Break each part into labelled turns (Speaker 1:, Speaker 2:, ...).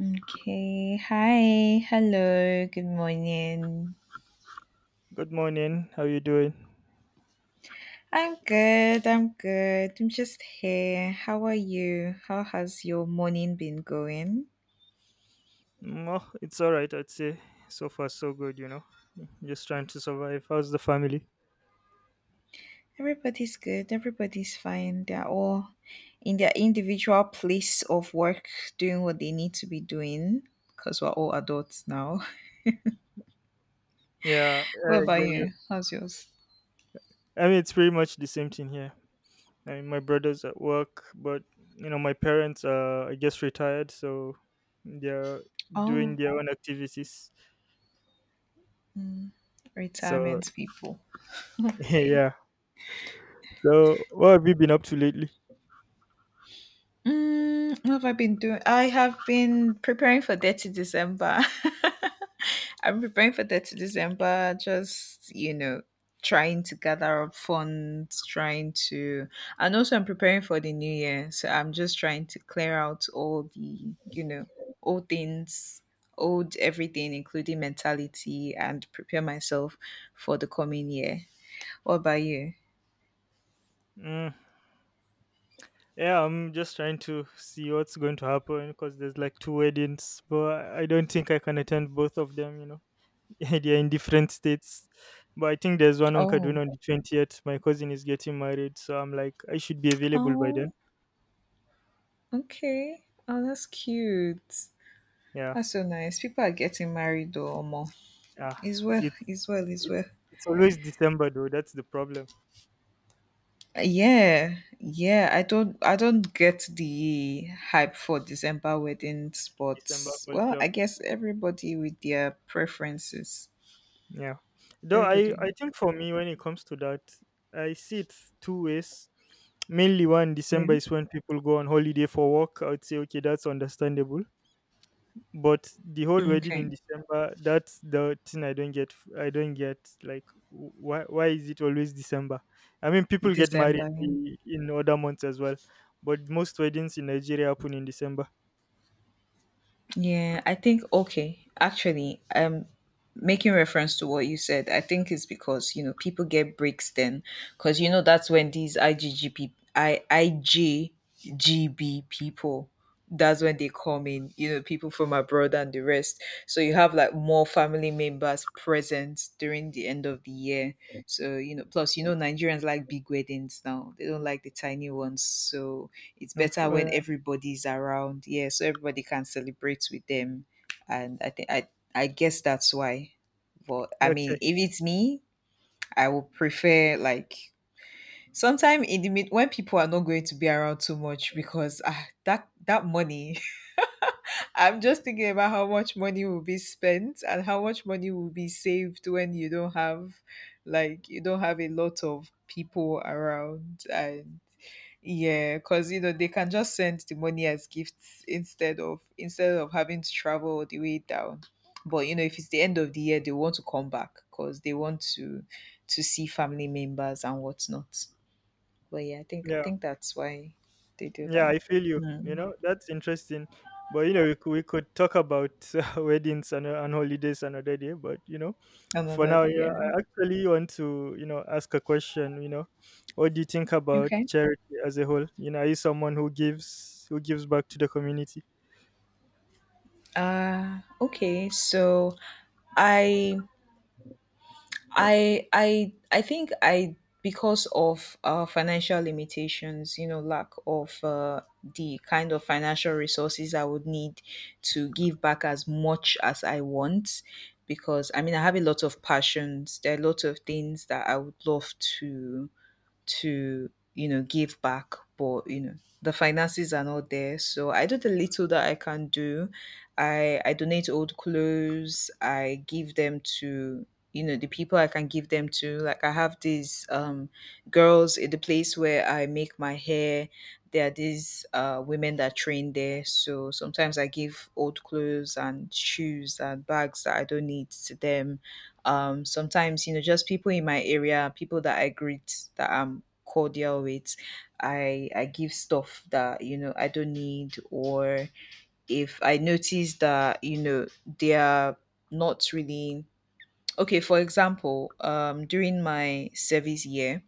Speaker 1: Okay. Hi. Hello. Good morning.
Speaker 2: Good morning. How you doing?
Speaker 1: I'm good. I'm good. I'm just here. How are you? How has your morning been going?
Speaker 2: Oh, it's all right, I'd say. So far, so good. Just trying to survive. How's the family?
Speaker 1: Everybody's good. Everybody's fine. They're all in their individual place of work doing what they need to be doing because we're all adults now.
Speaker 2: Yeah,
Speaker 1: What
Speaker 2: I
Speaker 1: about
Speaker 2: get you.
Speaker 1: you? How's yours?
Speaker 2: I mean, it's pretty much the same thing here. I mean, my brother's at work, but my parents are, I guess, retired, so they're doing
Speaker 1: Oh,
Speaker 2: their own activities.
Speaker 1: mm,
Speaker 2: So,
Speaker 1: retirement people. Okay.
Speaker 2: yeah, so, what have you been up to lately?
Speaker 1: What have I been doing? I have been preparing for Dirty December. I'm preparing for Dirty December, just, trying to gather up funds, and also I'm preparing for the new year. So I'm just trying to clear out all the, old things, old everything, including mentality, and prepare myself for the coming year. What about you?
Speaker 2: Mm, yeah, I'm just trying to see what's going to happen because there's like two weddings, but I don't think I can attend both of them. Yeah, they're in different states. But I think there's one on
Speaker 1: Oh,
Speaker 2: Kaduna on the 20th. My cousin is getting married, so I'm like, I should be available by then.
Speaker 1: oh, okay. Oh, that's cute.
Speaker 2: Yeah,
Speaker 1: That's so nice. People are getting married though, Omo.
Speaker 2: yeah.
Speaker 1: Israel,
Speaker 2: It's
Speaker 1: Israel,
Speaker 2: it's
Speaker 1: Israel.
Speaker 2: it's always December though. That's the problem.
Speaker 1: Yeah, yeah. I don't get the hype for December weddings, but
Speaker 2: December
Speaker 1: well,
Speaker 2: culture.
Speaker 1: I guess everybody with their preferences.
Speaker 2: Yeah. Though I
Speaker 1: Everybody,
Speaker 2: I think for me when it comes to that, I see it two ways. Mainly, one, December
Speaker 1: yeah.
Speaker 2: is when people go on holiday for work. I would say okay, that's understandable. But the whole wedding in
Speaker 1: Okay,
Speaker 2: December, that's the thing I don't get. I don't get, like, why is it always December? I mean, people get married
Speaker 1: December, yeah.
Speaker 2: in other months as well, but most weddings in Nigeria happen in December.
Speaker 1: Yeah, I think okay. Actually, making reference to what you said, I think it's because, you know, people get breaks then, cuz you know that's when these IGGP IJGB people, that's when they come in, you know, people from abroad and the rest. So you have like more family members present during the end of the year. So, you know, plus you know Nigerians like big weddings now. They don't like the tiny ones. So it's
Speaker 2: No,
Speaker 1: better when everybody's around. Yeah, so everybody can celebrate with them. And I think I guess that's why. But I mean,
Speaker 2: okay,
Speaker 1: if it's me, I would prefer like sometime in the mid when people are not going to be around too much because that money. I'm just thinking about how much money will be spent and how much money will be saved when you don't have a lot of people around, and yeah, because you know they can just send the money as gifts instead of having to travel all the way down. But you know, if it's the end of the year, they want to come back because they want to see family members and whatnot. But yeah, I think I
Speaker 2: yeah.
Speaker 1: think that's why they do
Speaker 2: Yeah,
Speaker 1: that.
Speaker 2: I feel you.
Speaker 1: Mm.
Speaker 2: That's interesting. But we could talk about weddings and holidays another day. But for
Speaker 1: Another
Speaker 2: now,
Speaker 1: day,
Speaker 2: you know,
Speaker 1: yeah.
Speaker 2: I actually want to ask a question. What do you think about
Speaker 1: Okay.
Speaker 2: charity as a whole? Are you someone who gives back to the community?
Speaker 1: Okay. So I I think I, because of financial limitations, you know, lack of the kind of financial resources I would need to give back as much as I want. Because I mean, I have a lot of passions. There are lots of things that I would love to to you know give back, but you know the finances are not there. So I do the little that I can do. I donate old clothes. I give them to, you know, the people I can give them to. Like I have these girls in the place where I make my hair. There are these women that train there, so sometimes I give old clothes and shoes and bags that I don't need to them. Sometimes, you know, just people in my area, people that I greet, that I'm cordial with, I give stuff that, you know, I don't need. Or if I notice that, you know, they are not really... Okay, for example, during my service year,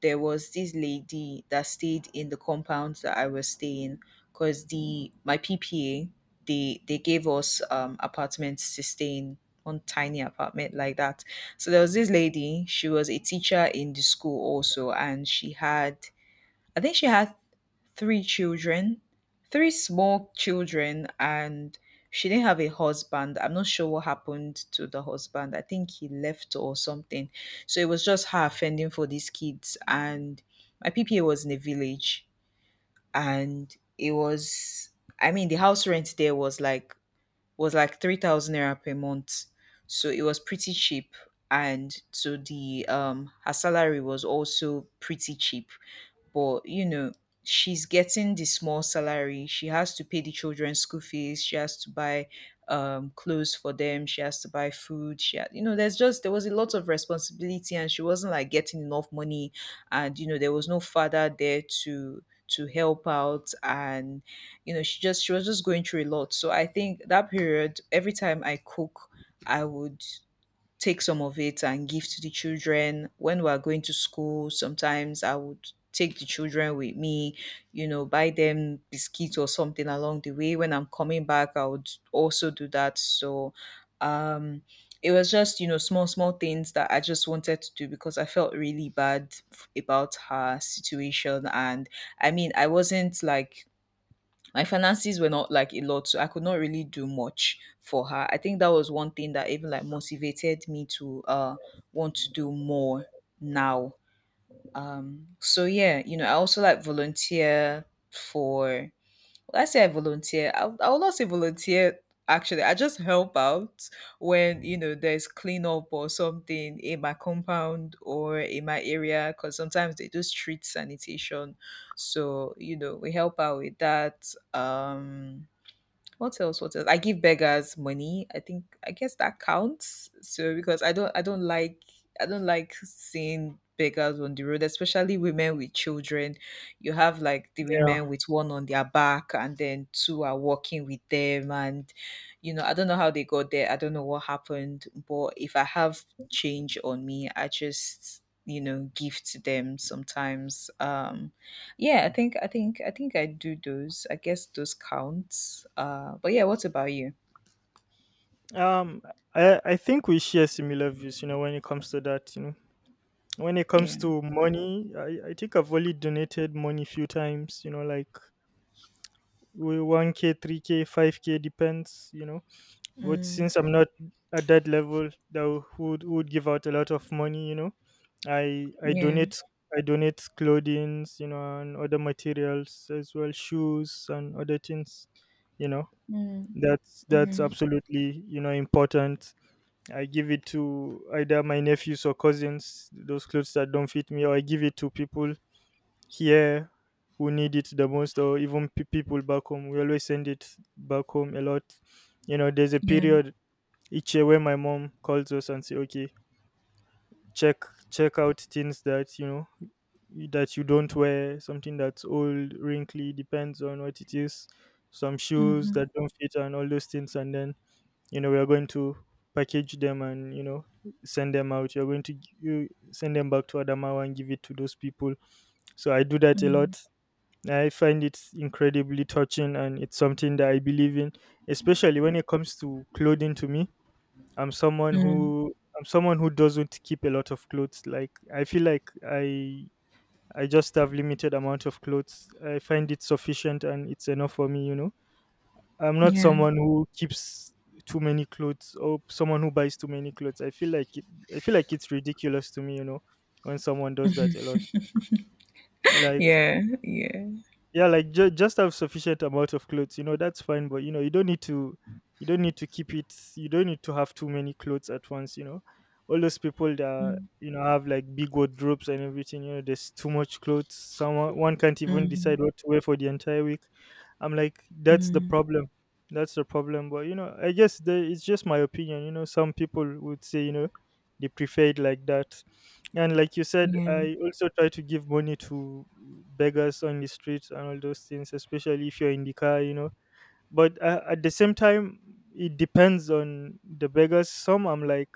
Speaker 1: there was this lady that stayed in the compound that I was staying, because the my PPA, they gave us, apartments to stay in, one tiny apartment like that. So there was this lady. She was a teacher in the school also, and she had I think she had three children, three small children, and she didn't have a husband. I'm not sure what happened to the husband. I think he left or something. So it was just her fending for these kids. And my PPA was in a village, and it was, I mean, the house rent there was like 3,000 naira per month, so it was pretty cheap. And so the her salary was also pretty cheap. But you know, she's getting the small salary, she has to pay the children's school fees, she has to buy clothes for them, she has to buy food. She had, you know, there's just, there was a lot of responsibility, and she wasn't like getting enough money. And you know, there was no father there to help out. And you know, she was just going through a lot. So I think that period every time I cook, I would take some of it and give to the children. When we are going to school, sometimes I would take the children with me, you know, buy them biscuits or something along the way. When I'm coming back, I would also do that. So um it was just, you know, small, small things that I just wanted to do because I felt really bad about her situation. And I mean, I wasn't like my finances were not like a lot, so I could not really do much for her. I think that was one thing that even like motivated me to want to do more now. So yeah, you know, I also like volunteer for... Will I say I volunteer? I will not say volunteer. Actually, I just help out when, you know, there's cleanup or something in my compound or in my area, because sometimes they do street sanitation. So you know, we help out with that. Um, what else? What else? I give beggars money. I guess that counts. So because I don't like seeing beggars on the road, especially women with children. You have like the
Speaker 2: Yeah.
Speaker 1: women with one on their back and then two are walking with them, and you know, I don't know how they got there. I don't know what happened, but if I have change on me, I just, you know, give to them sometimes. Yeah, I think I do those. I guess those counts. But yeah, what about you?
Speaker 2: Um, I think we share similar views. When it comes to that, when it comes
Speaker 1: Yeah.
Speaker 2: to money, I think I've only donated money few times. Like, 1K 3K 5K, depends, but
Speaker 1: Mm,
Speaker 2: since I'm not at that level that would give out a lot of money. i i
Speaker 1: yeah.
Speaker 2: donate I donate clothing,s and other materials as well, shoes and other things you know
Speaker 1: Mm,
Speaker 2: that's
Speaker 1: mm,
Speaker 2: absolutely important. I give it to either my nephews or cousins, those clothes that don't fit me, or I give it to people here who need it the most, or even people back home. We always send it back home a lot. There's a
Speaker 1: yeah.
Speaker 2: period each year where my mom calls us and say okay, check check out things that you don't wear, something that's old, wrinkly, depends on what it is, some shoes
Speaker 1: Mm-hmm,
Speaker 2: that don't fit and all those things, and then we're going to package them, and send them out. You send them back to Adamawa and give it to those people, so I do
Speaker 1: mm,
Speaker 2: that a
Speaker 1: mm,
Speaker 2: lot. I find it incredibly touching and it's something that I believe in, especially when it comes to clothing to me. I'm someone who doesn't keep a lot of clothes. Like, I feel like I just have limited amount of clothes. I find it sufficient and it's enough for me. I'm not
Speaker 1: yeah.
Speaker 2: someone who keeps too many clothes or someone who buys too many clothes. I feel like it's ridiculous to me, when someone does that a lot. Like,
Speaker 1: Yeah. Yeah.
Speaker 2: yeah, like, just have sufficient amount of clothes, that's fine. But you don't need to keep it. You don't need to have too many clothes at once. All those people that
Speaker 1: Mm,
Speaker 2: have like big wardrobes and everything, there's too much clothes, someone one can't even decide
Speaker 1: mm,
Speaker 2: what to wear for the entire week. I'm like, that's the
Speaker 1: mm,
Speaker 2: problem. That's the problem. But I guess, it's just my opinion. Some people would say, they prefer it like that. And like you said,
Speaker 1: yeah.
Speaker 2: I also try to give money to beggars on the streets and all those things, especially if you're in the car. But at the same time, it depends on the beggars. Some I'm like,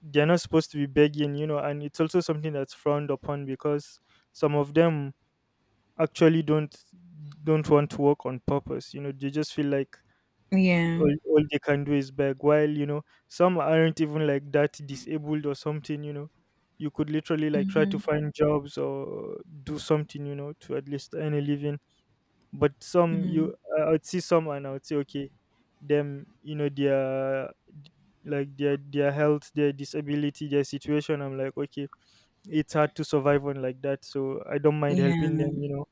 Speaker 2: they're not supposed to be begging, and it's also something that's frowned upon, because some of them actually don't want to work on purpose. They just feel like
Speaker 1: Yeah.
Speaker 2: all they can do is beg, while some aren't even like that disabled or something. You could literally, like, try to
Speaker 1: Mm-hmm,
Speaker 2: find jobs or do something, to at least earn a living. But some
Speaker 1: mm,
Speaker 2: you I would see some and I would say, okay, them, their, d- like, their health, their disability, their situation, I'm like, okay, it's hard to survive on, like that, so I don't mind
Speaker 1: yeah.
Speaker 2: helping them.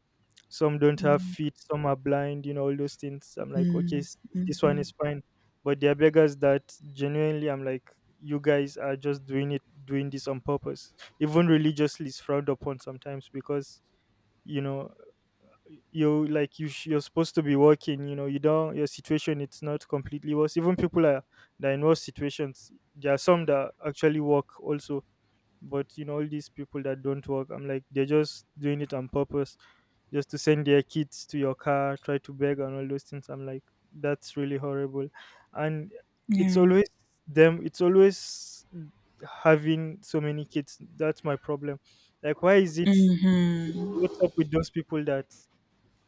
Speaker 2: Some don't have
Speaker 1: Mm,
Speaker 2: feet, some are blind, all those things. I'm like, okay,
Speaker 1: mm,
Speaker 2: this one
Speaker 1: mm-hmm,
Speaker 2: is fine. But there are beggars that genuinely, I'm like, you guys are just doing it, doing this on purpose. Even religiously is frowned upon sometimes because, you know, you're supposed to be working. You don't, your situation, it's not completely worse. Even people are that are in worse situations, there are some that actually work also. But all these people that don't work, I'm like, they're just doing it on purpose, just to send their kids to your car, try to beg and all those things. I'm like, that's really horrible. And it's
Speaker 1: yeah.
Speaker 2: always them, it's always having so many kids. That's my problem. Like, why is it
Speaker 1: Mm-hmm.
Speaker 2: what's up with those people that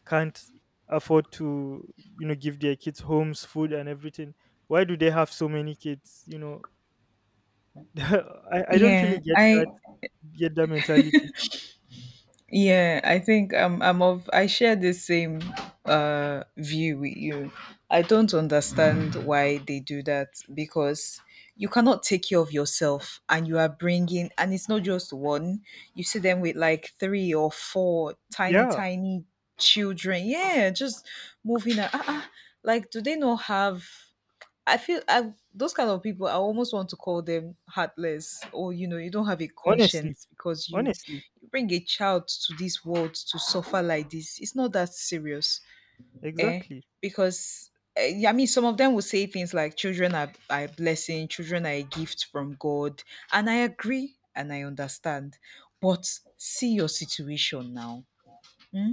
Speaker 2: can't afford to give their kids homes, food and everything? Why do they have so many kids? I don't really
Speaker 1: Yeah.
Speaker 2: get
Speaker 1: I
Speaker 2: that mentality.
Speaker 1: Yeah, I think I share the same view with you. I don't understand why they do that, because you cannot take care of yourself and you are bringing, and it's not just one. You see them with like three or four tiny
Speaker 2: Yeah,
Speaker 1: tiny children. Yeah, just moving a- ah, ah. like, do they not have... I feel I those kind of people, I almost want to call them heartless. Or you know, you don't have a
Speaker 2: honestly,
Speaker 1: conscience, because you
Speaker 2: honestly,
Speaker 1: bring a child to this world to suffer like this. It's not that serious, eh?
Speaker 2: exactly,
Speaker 1: Because yeah, I mean, some of them will say things like "children are a blessing, children are a gift from God," and I agree and I understand. But see your situation now. Hmm?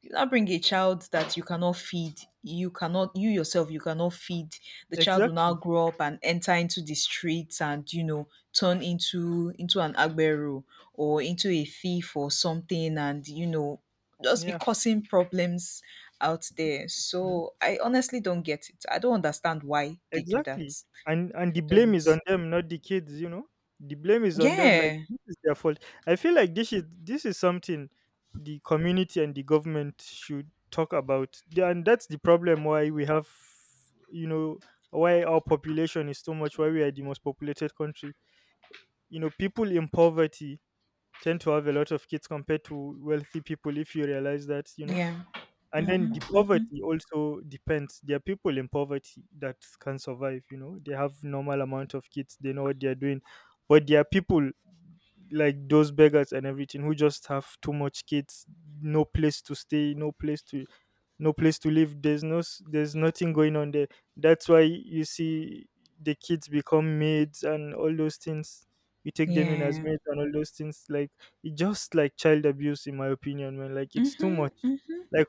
Speaker 1: You now bring a child that you yourself you cannot feed. The child will now
Speaker 2: exactly.
Speaker 1: grow up and enter into the streets and, you know, turn into an agbero, or into a thief or something. And you know, just be
Speaker 2: Yeah,
Speaker 1: causing problems out there.
Speaker 2: yeah,
Speaker 1: So I honestly don't get it. I don't understand why they do that.
Speaker 2: exactly. And the
Speaker 1: I
Speaker 2: blame is
Speaker 1: don't
Speaker 2: on them, not the kids. The blame is on them. Like,
Speaker 1: Yeah,
Speaker 2: this is their fault. I feel like this is something the community and the government should talk about. And that's the problem why we have, you know, why our population is so much, why we are the most populated country. People in poverty tend to have a lot of kids compared to wealthy people, if you realize that.
Speaker 1: yeah,
Speaker 2: And then
Speaker 1: mm-hmm,
Speaker 2: the
Speaker 1: mm-hmm.
Speaker 2: poverty also depends. There are people in poverty that can survive. They have normal amount of kids, they know what they are doing. But there are people like those beggars and everything who just have too much kids, no place to stay, no place to live. There's no s- there's nothing going on there. That's why you see the kids become maids and all those things. You take
Speaker 1: Yeah,
Speaker 2: them in as
Speaker 1: mm-hmm,
Speaker 2: maids and all those things. Like, it just like child abuse in my opinion, man. Like, it's too much.
Speaker 1: mm-hmm.
Speaker 2: Like,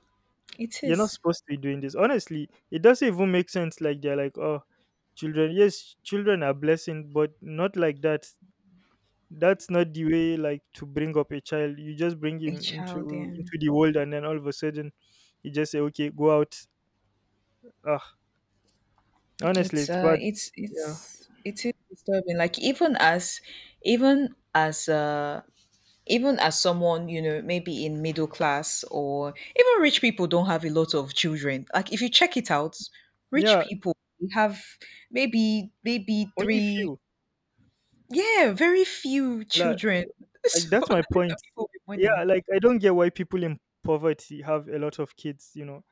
Speaker 1: It
Speaker 2: you're not
Speaker 1: is
Speaker 2: supposed to be doing this. Honestly, it doesn't even make sense. Like, they're like, oh, children. Yes, children are blessing, but not like that. That's not the way. Like, to bring up a child, you just bring
Speaker 1: a
Speaker 2: him
Speaker 1: child,
Speaker 2: into
Speaker 1: yeah.
Speaker 2: into the world, and then all of a sudden, you just say, okay, go out. Ah, honestly, it's bad. Yeah,
Speaker 1: It is disturbing, like even as uh even as someone, you know, maybe in middle class, or even rich people don't have a lot of children. Like if you check it out, rich
Speaker 2: yeah.
Speaker 1: people have maybe
Speaker 2: Only
Speaker 1: three,
Speaker 2: few.
Speaker 1: yeah, very few
Speaker 2: Like,
Speaker 1: children.
Speaker 2: like,
Speaker 1: So
Speaker 2: that's my
Speaker 1: these are
Speaker 2: point.
Speaker 1: people with
Speaker 2: Yeah,
Speaker 1: money.
Speaker 2: like, I don't get why people in poverty have a lot of kids. You know,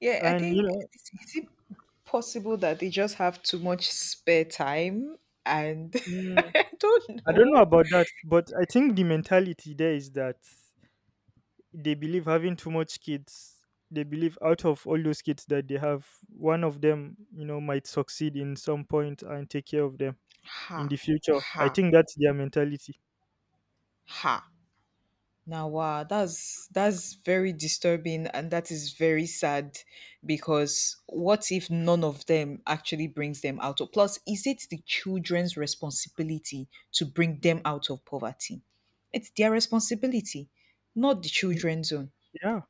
Speaker 1: Yeah, I
Speaker 2: and you
Speaker 1: think...
Speaker 2: know.
Speaker 1: is it possible that they just have too much spare time, and...
Speaker 2: mm,
Speaker 1: I don't
Speaker 2: I don't know
Speaker 1: know.
Speaker 2: about that, but I think the mentality there is that they believe having too much kids, they believe out of all those kids that they have, one of them, might succeed in some point and take care of them
Speaker 1: Ha,
Speaker 2: in the future.
Speaker 1: ha,
Speaker 2: I think that's their mentality.
Speaker 1: ha. Now wow, that's very disturbing and that is very sad. Because what if none of them actually brings them out of Plus, is it the children's responsibility to bring them out of poverty? It's their responsibility, not the
Speaker 2: Y-
Speaker 1: children's own.
Speaker 2: Yeah.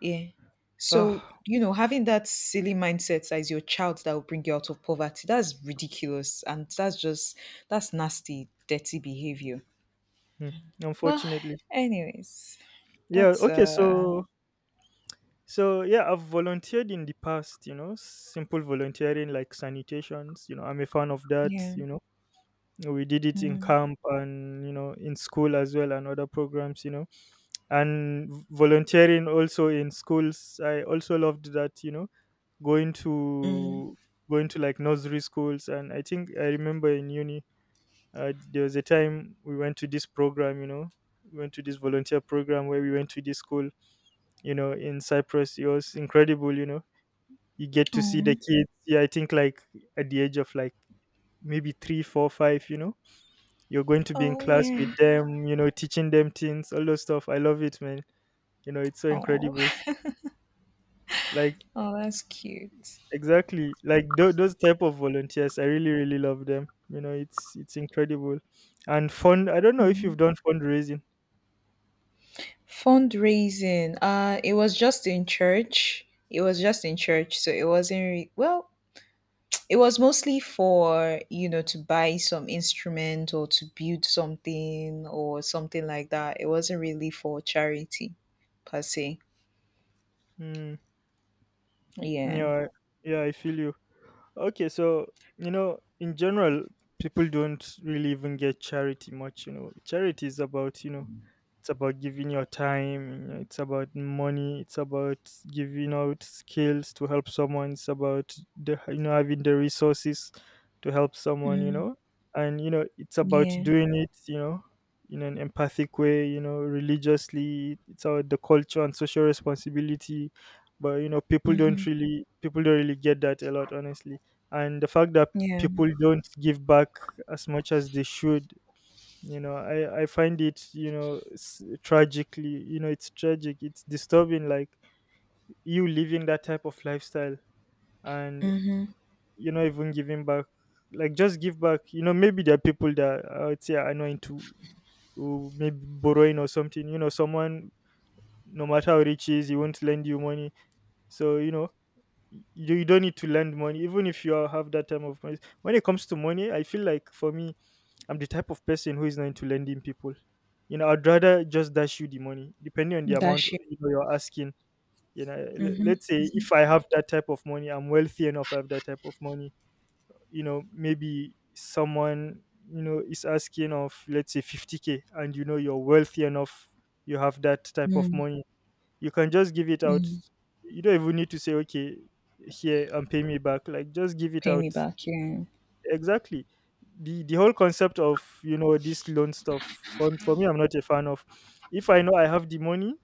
Speaker 1: Yeah. So,
Speaker 2: Ah,
Speaker 1: you know, having that silly mindset as your child that will bring you out of poverty, that's ridiculous. And that's nasty dirty behavior.
Speaker 2: hmm,
Speaker 1: Well,
Speaker 2: Unfortunately.
Speaker 1: anyways,
Speaker 2: Yeah.
Speaker 1: that's
Speaker 2: Okay. So, yeah, I've volunteered in the past, simple volunteering like sanitations, I'm a fan of that,
Speaker 1: yeah.
Speaker 2: you know. We did it in
Speaker 1: Mm,
Speaker 2: camp, and in school as well, and other programs. And volunteering also in schools, I also loved that. Going
Speaker 1: mm,
Speaker 2: to like nursery schools. And I think I remember in uni, there was a time we went to this program. We went to this volunteer program where we went to this school, in Cyprus. It was incredible, you get to see the
Speaker 1: oh,
Speaker 2: kids, yeah, I think like, at the age of like, maybe three four five. You're going to be in
Speaker 1: oh
Speaker 2: class with
Speaker 1: yeah.
Speaker 2: them, teaching them things, all those stuff. I love it, man. It's so
Speaker 1: Oh,
Speaker 2: incredible. Like
Speaker 1: oh, that's cute.
Speaker 2: those type of volunteers. I really, really love them. It's incredible. And fund, I don't know if you've
Speaker 1: Yeah.
Speaker 2: done fundraising.
Speaker 1: Fundraising. It was just in church. It was just in church, so it wasn't well, it was mostly for, you know, to buy some instrument or to build something or something like that. It wasn't really for charity per se.
Speaker 2: Mm,
Speaker 1: Yeah.
Speaker 2: yeah, I- yeah, I feel you. Okay, so you know, in general, people don't really even get charity much. You know, charity is about, you know, it's about giving your time. You know, it's about money. It's about giving out skills to help someone. It's about the having the resources to help someone. You
Speaker 1: Mm,
Speaker 2: know, and you know, it's about
Speaker 1: yeah.
Speaker 2: doing it. You know, in an empathic way. You know, religiously, it's about the culture and social responsibility. But you know, people
Speaker 1: Mm-hmm.
Speaker 2: don't really people don't really get that a lot, honestly, and the fact that
Speaker 1: Yeah.
Speaker 2: people don't give back as much as they should. I find it, you know, tragically. You know, it's tragic, it's disturbing. Like, you living that type of lifestyle and
Speaker 1: Mm-hmm.
Speaker 2: you're not even giving back. Like, just give back. You know, maybe there are people that I would say are not into, who maybe borrowing or something, you know, someone, no matter how rich he is, he won't lend you money. So you know, you don't need to lend money even if you are- have that type of money. When it comes to money, I feel like for me, I'm the type of person who is not into lending people. You know, I'd rather just dash you the money, depending on the amount
Speaker 1: Dash you.
Speaker 2: you know you're asking. You know,
Speaker 1: Mhm.
Speaker 2: let's say if I have that type of money, I'm wealthy enough, I have that type of money. You know, maybe someone, you know, is asking of let's say 50k, and you know you're wealthy enough, you have that type of
Speaker 1: Mm.
Speaker 2: money. You can just give it out.
Speaker 1: Mm.
Speaker 2: You don't even need to say, okay, here and pay me back. Like, just give it
Speaker 1: Pay me
Speaker 2: out,
Speaker 1: back, yeah.
Speaker 2: exactly. The whole concept of, you know, this loan stuff, for me, I'm not a fan of. If I know I have the money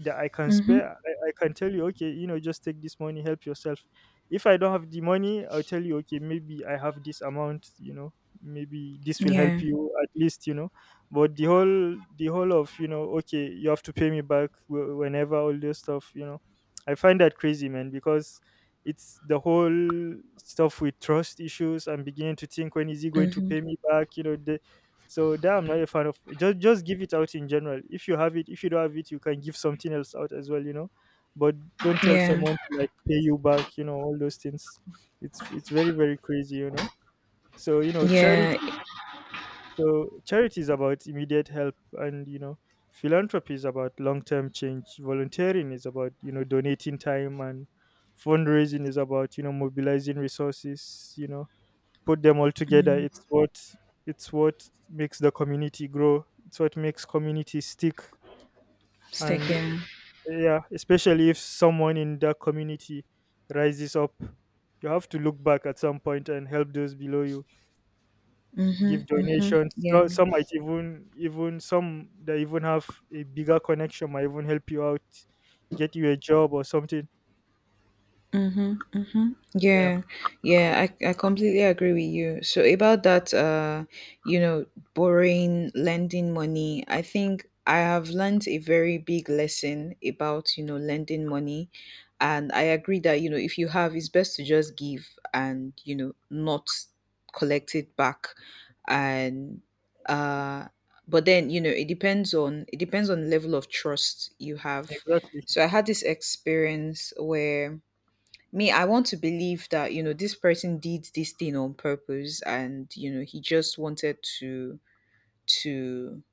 Speaker 2: that I can
Speaker 1: Mhm.
Speaker 2: spare, I can tell you, okay, you know, just take this money, help yourself. If I don't have the money, I'll tell you, okay, maybe I have this amount, you know, maybe this will help
Speaker 1: Yeah.
Speaker 2: you at least, you know. But the whole of, you know, okay, you have to pay me back whenever, all this stuff, you know, I find that crazy, man, because it's the whole stuff with trust issues. I'm beginning to think, when is he going to
Speaker 1: Mhm.
Speaker 2: pay me back? You know, the So that I'm not a fan of. Just give it out in general. If you have it, if you don't have it, you can give something else out as well, you know. But don't tell
Speaker 1: Yeah.
Speaker 2: someone to like pay you back, you know, all those things. It's very, very crazy, you know. So, you know, charity.
Speaker 1: Yeah.
Speaker 2: So charity is about immediate help, and you know, philanthropy is about long term change. Volunteering is about, you know, donating time, and fundraising is about, you know, mobilizing resources. You know, put them all together, it's what makes the community grow, it's what makes community stick,
Speaker 1: Stick,
Speaker 2: and
Speaker 1: yeah.
Speaker 2: yeah, especially if someone in that community rises up, you have to look back at some point and help those below you, give
Speaker 1: Mhm. Mhm.
Speaker 2: donations.
Speaker 1: Yeah.
Speaker 2: So some might even some that even have a bigger connection might even help you out, get you a job or something,
Speaker 1: Mhm, mhm.
Speaker 2: yeah,
Speaker 1: Yeah, yeah, I completely agree with you. So about that, you know, borrowing, lending money, I think I have learned a very big lesson about, you know, lending money. And I agree that, you know, if you have, it's best to just give and, you know, not collect it back. And uh but then, it depends on the level of trust you have.
Speaker 2: exactly,
Speaker 1: So I had this experience where me, I want to believe that, you know, this person did this thing on purpose and, you know, he just wanted to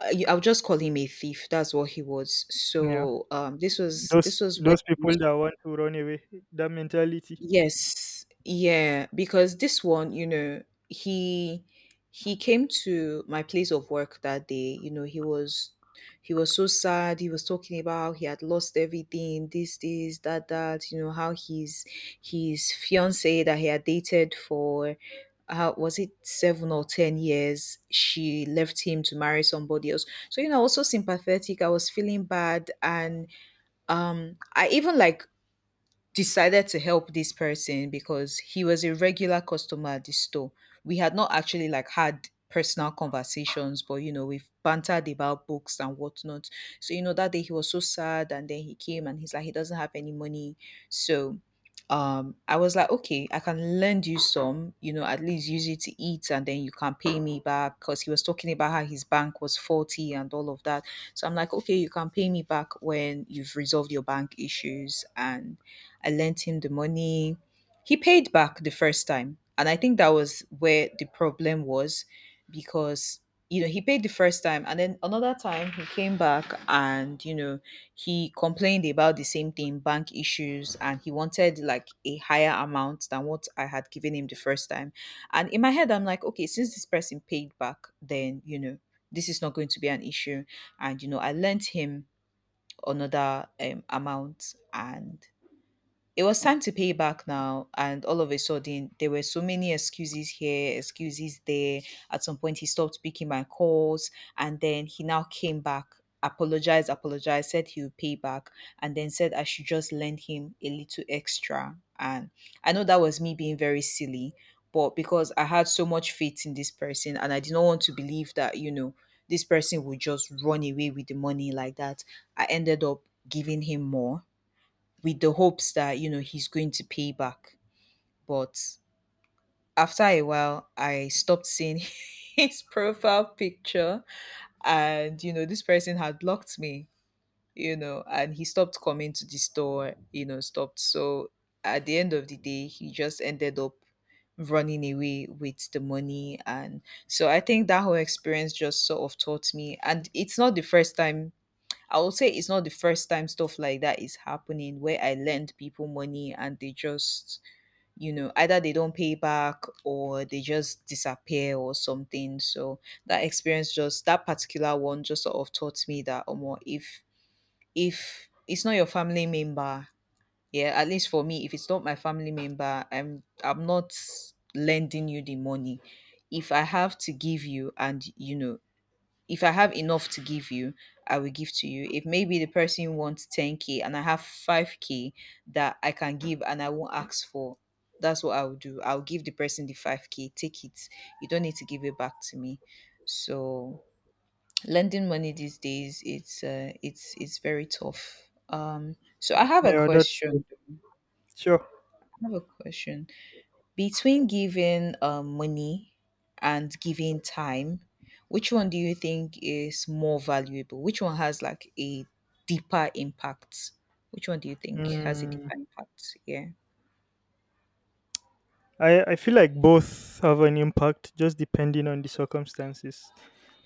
Speaker 1: I'll just call him a thief. That's what he was.
Speaker 2: yeah.
Speaker 1: So, this was
Speaker 2: those
Speaker 1: this was where
Speaker 2: those
Speaker 1: I
Speaker 2: people
Speaker 1: used.
Speaker 2: that want to run away, that mentality,
Speaker 1: Yes. Yeah, because this one, you know, he he came to my place of work that day. You know, he was so sad. He was talking about he had lost everything, this, that, that, you know, how his fiance that he had dated for, how was it, 7 or 10 years, she left him to marry somebody else. So you know I was so sympathetic. I was feeling bad and I even like decided to help this person because he was a regular customer at the store. We had not actually like had personal conversations, but you know, we've bantered about books and whatnot. So, you know, that day he was so sad and then he came and he's like, he doesn't have any money. So I was like, okay, I can lend you some, you know, at least use it to eat and then you can pay me back. Cause he was talking about how his bank was faulty and all of that. So I'm like, okay, you can pay me back when you've resolved your bank issues, and I lent him the money. He paid back the first time. And I think that was where the problem was because, you know, he paid the first time. And then another time he came back and, you know, he complained about the same thing, bank issues. And he wanted like a higher amount than what I had given him the first time. And in my head, I'm like, okay, since this person paid back, then, you know, this is not going to be an issue. And, you know, I lent him another amount, and it was time to pay back now, and all of a sudden, there were so many excuses here, excuses there. At some point, he stopped picking my calls, and then he now came back, apologized, apologized, said he would pay back, and then said I should just lend him a little extra. And I know that was me being very silly, but because I had so much faith in this person, and I did not want to believe that, you know, this person would just run away with the money like that, I ended up giving him more with the hopes that, you know, he's going to pay back. But after a while I stopped seeing his profile picture, and you know this person had blocked me. You know, and he stopped coming to the store, you know, stopped. So at the end of the day he just ended up running away with the money. And so I think that whole experience just sort of taught me, and it's not the first time. I would say it's not the first time stuff like that is happening where I lend people money and they just, you know, either they don't pay back or they just disappear or something. So that experience, just that particular one, just sort of taught me that Omo, if it's not your family member, yeah, at least for me, if it's not my family member, I'm not lending you the money. If I have to give you, and you know if I have enough to give you, I will give to you. If maybe the person wants 10K and I have 5K that I can give and I won't ask for, that's what I'll do. I'll give the person the 5K, take it. You don't need to give it back to me. So lending money these days, it's very tough. So I have a
Speaker 2: yeah, that's
Speaker 1: question.
Speaker 2: sure.
Speaker 1: I have a question. Between giving money and giving time, which one do you think is more valuable? Which one has like a deeper impact? Which one do you think has a
Speaker 2: Mm,
Speaker 1: deeper impact? Yeah,
Speaker 2: I feel like both have an impact, just depending on the circumstances.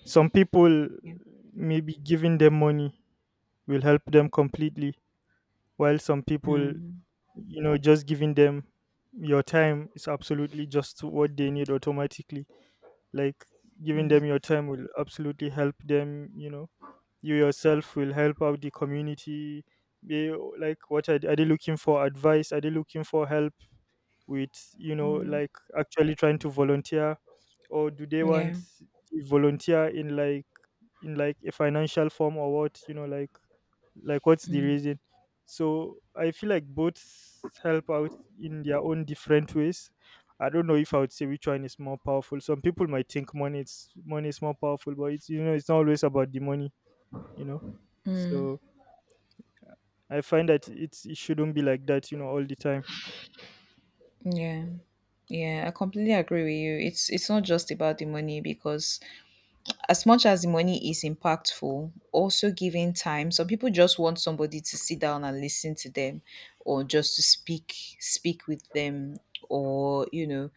Speaker 2: Some people,
Speaker 1: yeah.
Speaker 2: maybe giving them money will help them completely, while some people,
Speaker 1: Mm,
Speaker 2: you know, just giving them your time is absolutely just what they need automatically. Like, giving
Speaker 1: mm,
Speaker 2: them your time will absolutely help them, you know, you yourself will help out the community. They, like, what are they looking for? Advice? Are they looking for help with, you know,
Speaker 1: mm.
Speaker 2: like, actually trying to volunteer, or do they want
Speaker 1: Yeah.
Speaker 2: to volunteer in like a financial form or what, you know, like what's the
Speaker 1: Mm.
Speaker 2: reason? So I feel like both help out in their own different ways. I don't know if I would say which one is more powerful. Some people might think money is more powerful, but it's, you know, it's not always about the money, you know. So I find that it's, it shouldn't be like that, you know, all the time.
Speaker 1: Yeah. Yeah. I completely agree with you. It's not just about the money, because as much as the money is impactful, also giving time, some people just want somebody to sit down and listen to them or just to speak with them or you know,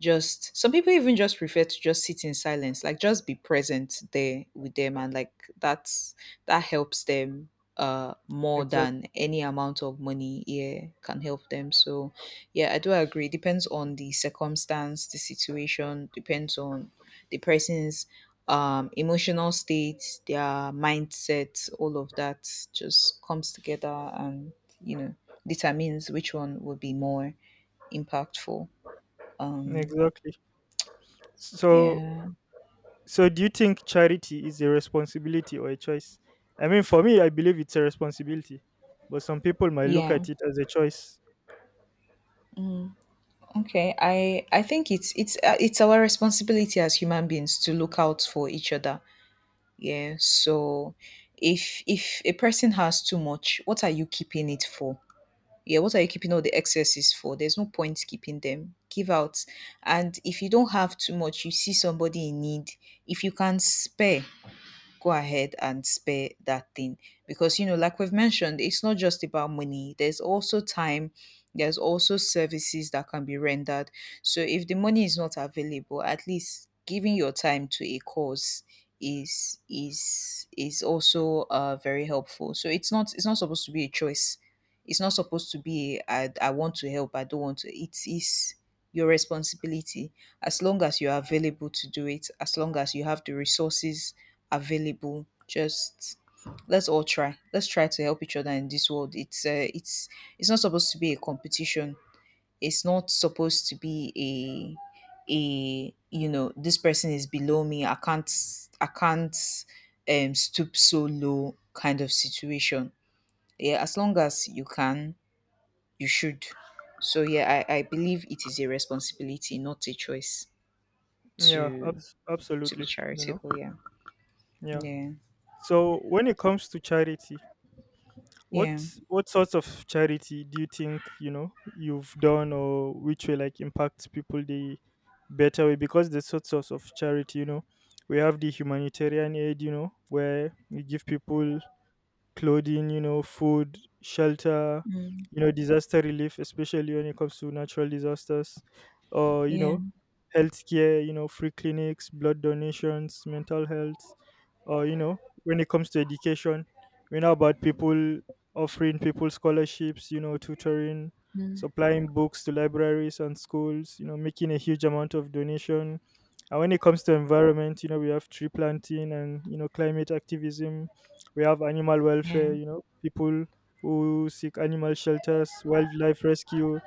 Speaker 1: just some people even just prefer to just sit in silence, like just be present there with them, and like, that's, that helps them more than
Speaker 2: Exactly.
Speaker 1: any amount of money, yeah, can help them. So yeah, I do agree, depends on the circumstance, the situation, depends on the person's emotional states, their mindsets, all of that just comes together and, you know, determines which one would be more impactful. Um,
Speaker 2: Exactly. So,
Speaker 1: yeah,
Speaker 2: so, do you think charity is a responsibility or a choice? I mean, for me, I believe it's a responsibility, but some people might look
Speaker 1: yeah.
Speaker 2: at it as a choice.
Speaker 1: Mm, okay, I think it's our responsibility as human beings to look out for each other. Yeah. So, if a person has too much, what are you keeping it for? Yeah, what are you keeping all the excesses for? There's no point keeping them. Give out. And if you don't have too much, you see somebody in need. If you can spare, go ahead and spare that thing, because you know like we've mentioned, it's not just about money, there's also time, there's also services that can be rendered. So if the money is not available, at least giving your time to a cause is is also very helpful. So it's not, it's not supposed to be a choice, it's not supposed to be a, I want to help, I don't want to. It is your responsibility, as long as you're available to do it, as long as you have the resources available. Just, let's all try. Let's try to help each other in this world. It's not supposed to be a competition. It's not supposed to be a you know, this person is below me, I can't stoop so low kind of situation. Yeah, as long as you can, you should. So yeah, I believe it is a responsibility, not a choice,
Speaker 2: Yeah,
Speaker 1: to be
Speaker 2: absolutely. You know,
Speaker 1: charitable. Yeah,
Speaker 2: yeah.
Speaker 1: yeah,
Speaker 2: So, when it comes to charity,
Speaker 1: yeah,
Speaker 2: what what sorts of charity do you think, you know, you've done, or which way like impacts people the better way? Because there's sorts of charity. You know, we have the humanitarian aid, you know, where we give people clothing, you know, food, shelter,
Speaker 1: mm,
Speaker 2: you know, disaster relief, especially when it comes to natural disasters, or you
Speaker 1: yeah.
Speaker 2: know, healthcare, you know, free clinics, blood donations, mental health, or you know, when it comes to education, we know about people offering people scholarships, you know, tutoring,
Speaker 1: Mm,
Speaker 2: supplying books to libraries and schools, you know, making a huge amount of donation. And when it comes to environment, you know, we have tree planting and you know climate activism. We have animal
Speaker 1: yeah.
Speaker 2: welfare, you know, people who seek animal shelters, wildlife rescue.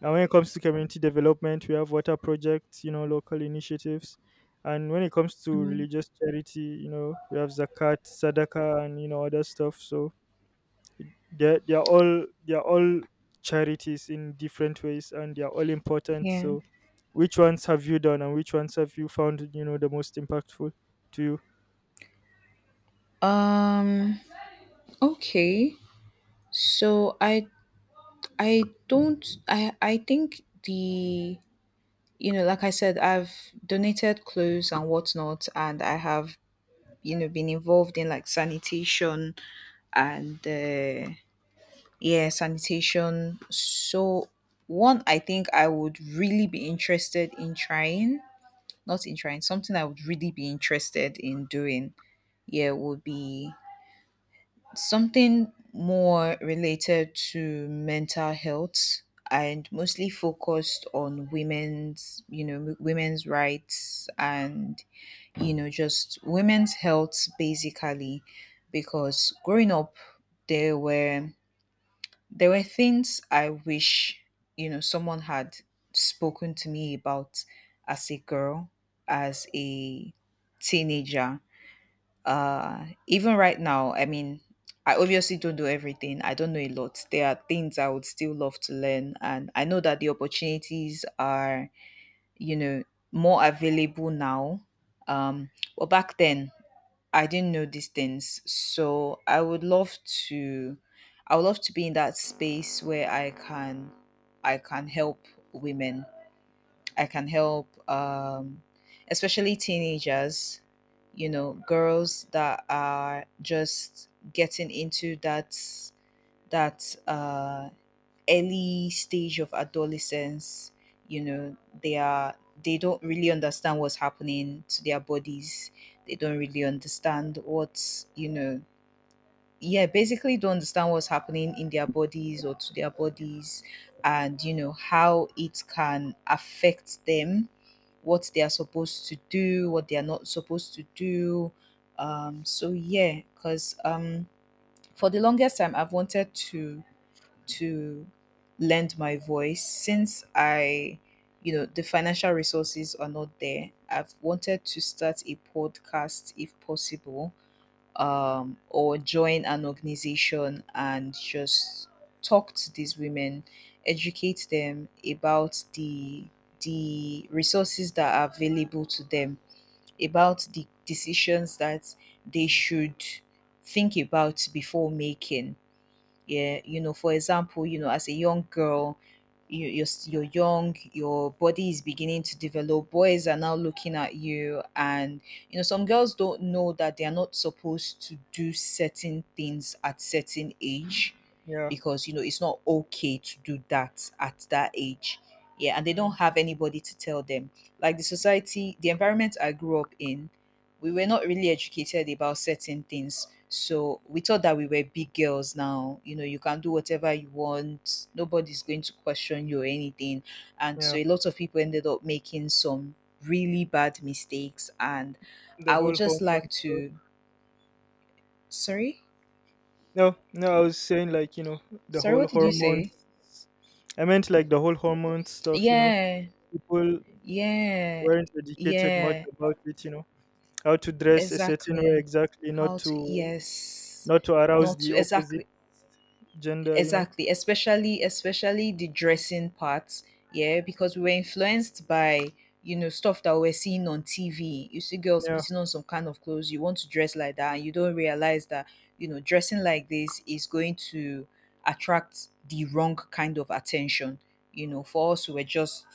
Speaker 2: And when it comes to community development, we have water projects, you know, local initiatives. And when it comes to
Speaker 1: Mm,
Speaker 2: religious charity, you know, we have zakat, sadaqah, and you know other stuff. So they are all charities in different ways, and they are all important.
Speaker 1: yeah.
Speaker 2: So, which ones have you done, and which ones have you found, you know, the most impactful to you?
Speaker 1: Um okay. So I don't I think the, you know, like I said, I've donated clothes and whatnot, and I have, you know, been involved in like sanitation and yeah, sanitation. So one I think I would really be interested in trying, not in trying, something I would really be interested in doing. Yeah, would be something more related to mental health and mostly focused on women's, you know, women's rights and, you know, just women's health basically. Because growing up there were, there were things I wish, you know, someone had spoken to me about as a girl, as a teenager. Even right now, I mean, I obviously don't know everything, I don't know a lot, there are things I would still love to learn, and I know that the opportunities are, you know, more available now. um but back then I didn't know these things, so I would love to, I would love to be in that space where I can help women. I can help, especially teenagers, you know, girls that are just getting into that, that uh, early stage of adolescence. You know, they are, they don't really understand what's happening to their bodies. They don't really understand what, yeah, basically don't understand what's happening in their bodies or to their bodies, and you know how it can affect them, what they are supposed to do, what they are not supposed to do. So yeah because For the longest time I've wanted to lend my voice. Since I, the financial resources are not there, I've wanted to start a podcast if possible, or join an organization and just talk to these women, educate them about the resources that are available to them, about the decisions that they should think about before making. Yeah, you know, for example, you know, as a young girl, you're young, your body is beginning to develop, boys are now looking at you, and you know some girls don't know that they are not supposed to do certain things at certain age,
Speaker 2: Yeah,
Speaker 1: because you know it's not okay to do that at that age. Yeah, and they don't
Speaker 2: mm,
Speaker 1: have anybody to tell them. Like the society, the environment I grew up in, we were not really educated about certain things, so we thought that we were big girls now. You know, you can do whatever you want. Nobody's going to question you or anything. And so
Speaker 2: yeah,
Speaker 1: a lot of people ended up making some really bad mistakes. And
Speaker 2: the
Speaker 1: I would
Speaker 2: whole
Speaker 1: just
Speaker 2: hormone
Speaker 1: like
Speaker 2: stuff.
Speaker 1: to. Sorry?
Speaker 2: No, no, I was saying like, you know, the
Speaker 1: Sorry,
Speaker 2: whole
Speaker 1: what did you say?
Speaker 2: hormones. I meant like the whole hormone stuff, you know.
Speaker 1: Yeah,
Speaker 2: People
Speaker 1: yeah,
Speaker 2: weren't educated much
Speaker 1: yeah,
Speaker 2: about it, you know. How to dress a certain way
Speaker 1: exactly.
Speaker 2: exactly,
Speaker 1: How to, yes,
Speaker 2: not to arouse
Speaker 1: not
Speaker 2: the
Speaker 1: to,
Speaker 2: opposite
Speaker 1: exactly.
Speaker 2: gender, you know.
Speaker 1: Exactly, especially the dressing parts, yeah, because we were influenced by, you know, stuff that we're seeing on TV. You see girls
Speaker 2: Yeah,
Speaker 1: putting on some kind of clothes, you want to dress like that, and you don't realize that, you know, dressing like this is going to attract the wrong kind of attention. You know, for us, we're just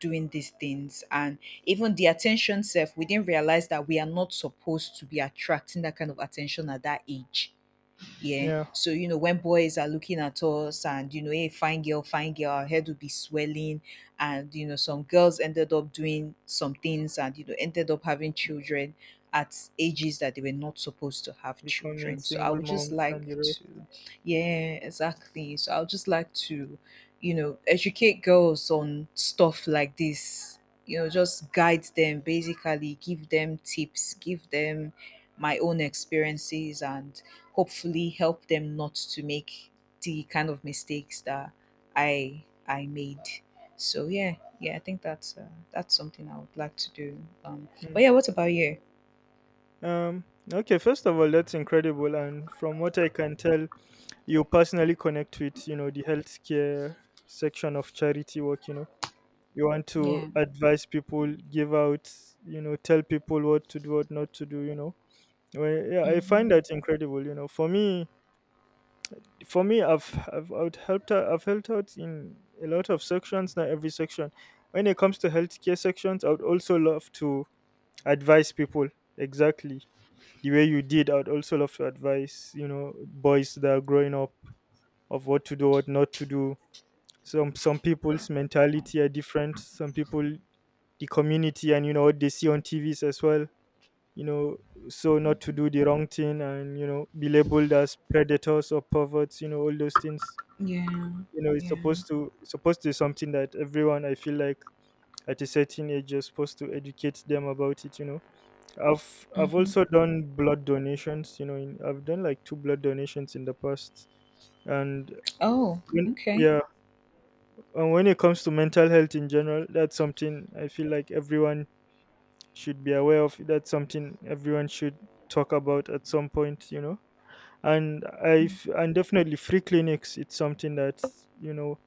Speaker 1: doing these things, and even the attention self, we didn't realize that we are not supposed to be attracting that kind of attention at that age. Yeah.
Speaker 2: yeah.
Speaker 1: So, you know, when boys are looking at us and, you know, hey, fine girl, our head would be swelling. And, you know, some girls ended up doing some things and, you know, ended up having children at ages that they were not supposed to have
Speaker 2: Becoming
Speaker 1: children. So I
Speaker 2: single
Speaker 1: would just
Speaker 2: moms and you
Speaker 1: like
Speaker 2: know.
Speaker 1: to, yeah, exactly. So I would just like to, you know, educate girls on stuff like this. You know, just guide them, basically, give them tips, give them my own experiences, and hopefully help them not to make the kind of mistakes that I made. So yeah, yeah, I think that's something I would like to do. Um,
Speaker 2: Mm.
Speaker 1: but yeah, what about you?
Speaker 2: Um, okay, first of all, that's incredible. And from what I can tell, you personally connect with, you know, the healthcare section of charity work, you know. You want to
Speaker 1: Yeah.
Speaker 2: advise people, give out, you know, tell people what to do, what not to do, you know. Well, yeah, I
Speaker 1: Hmm.
Speaker 2: find that incredible, you know. For me, I've helped out in a lot of sections, not every section. When it comes to healthcare sections, I would also love to advise people exactly the way you did. I'd also love to advise, you know, boys that are growing up of what to do, what not to do. Some people's mentality are different. Some people, the community, and you know what they see on TVs as well. You know, so not to do the wrong thing and you know be labeled as predators or perverts. You know all those things.
Speaker 1: Yeah.
Speaker 2: You know it's
Speaker 1: Yeah.
Speaker 2: supposed to it's supposed to be something that everyone, I feel like at a certain age, you're supposed to educate them about it. You know, I've
Speaker 1: Hmm.
Speaker 2: also done blood donations. You know, in, I've done like two blood donations in the past, and
Speaker 1: Oh,
Speaker 2: when,
Speaker 1: okay.
Speaker 2: yeah, and when it comes to mental health in general, that's something I feel like everyone should be aware of. That's something everyone should talk about at some point. You know, and I
Speaker 1: Mm.
Speaker 2: and definitely free clinics. It's something that, you know,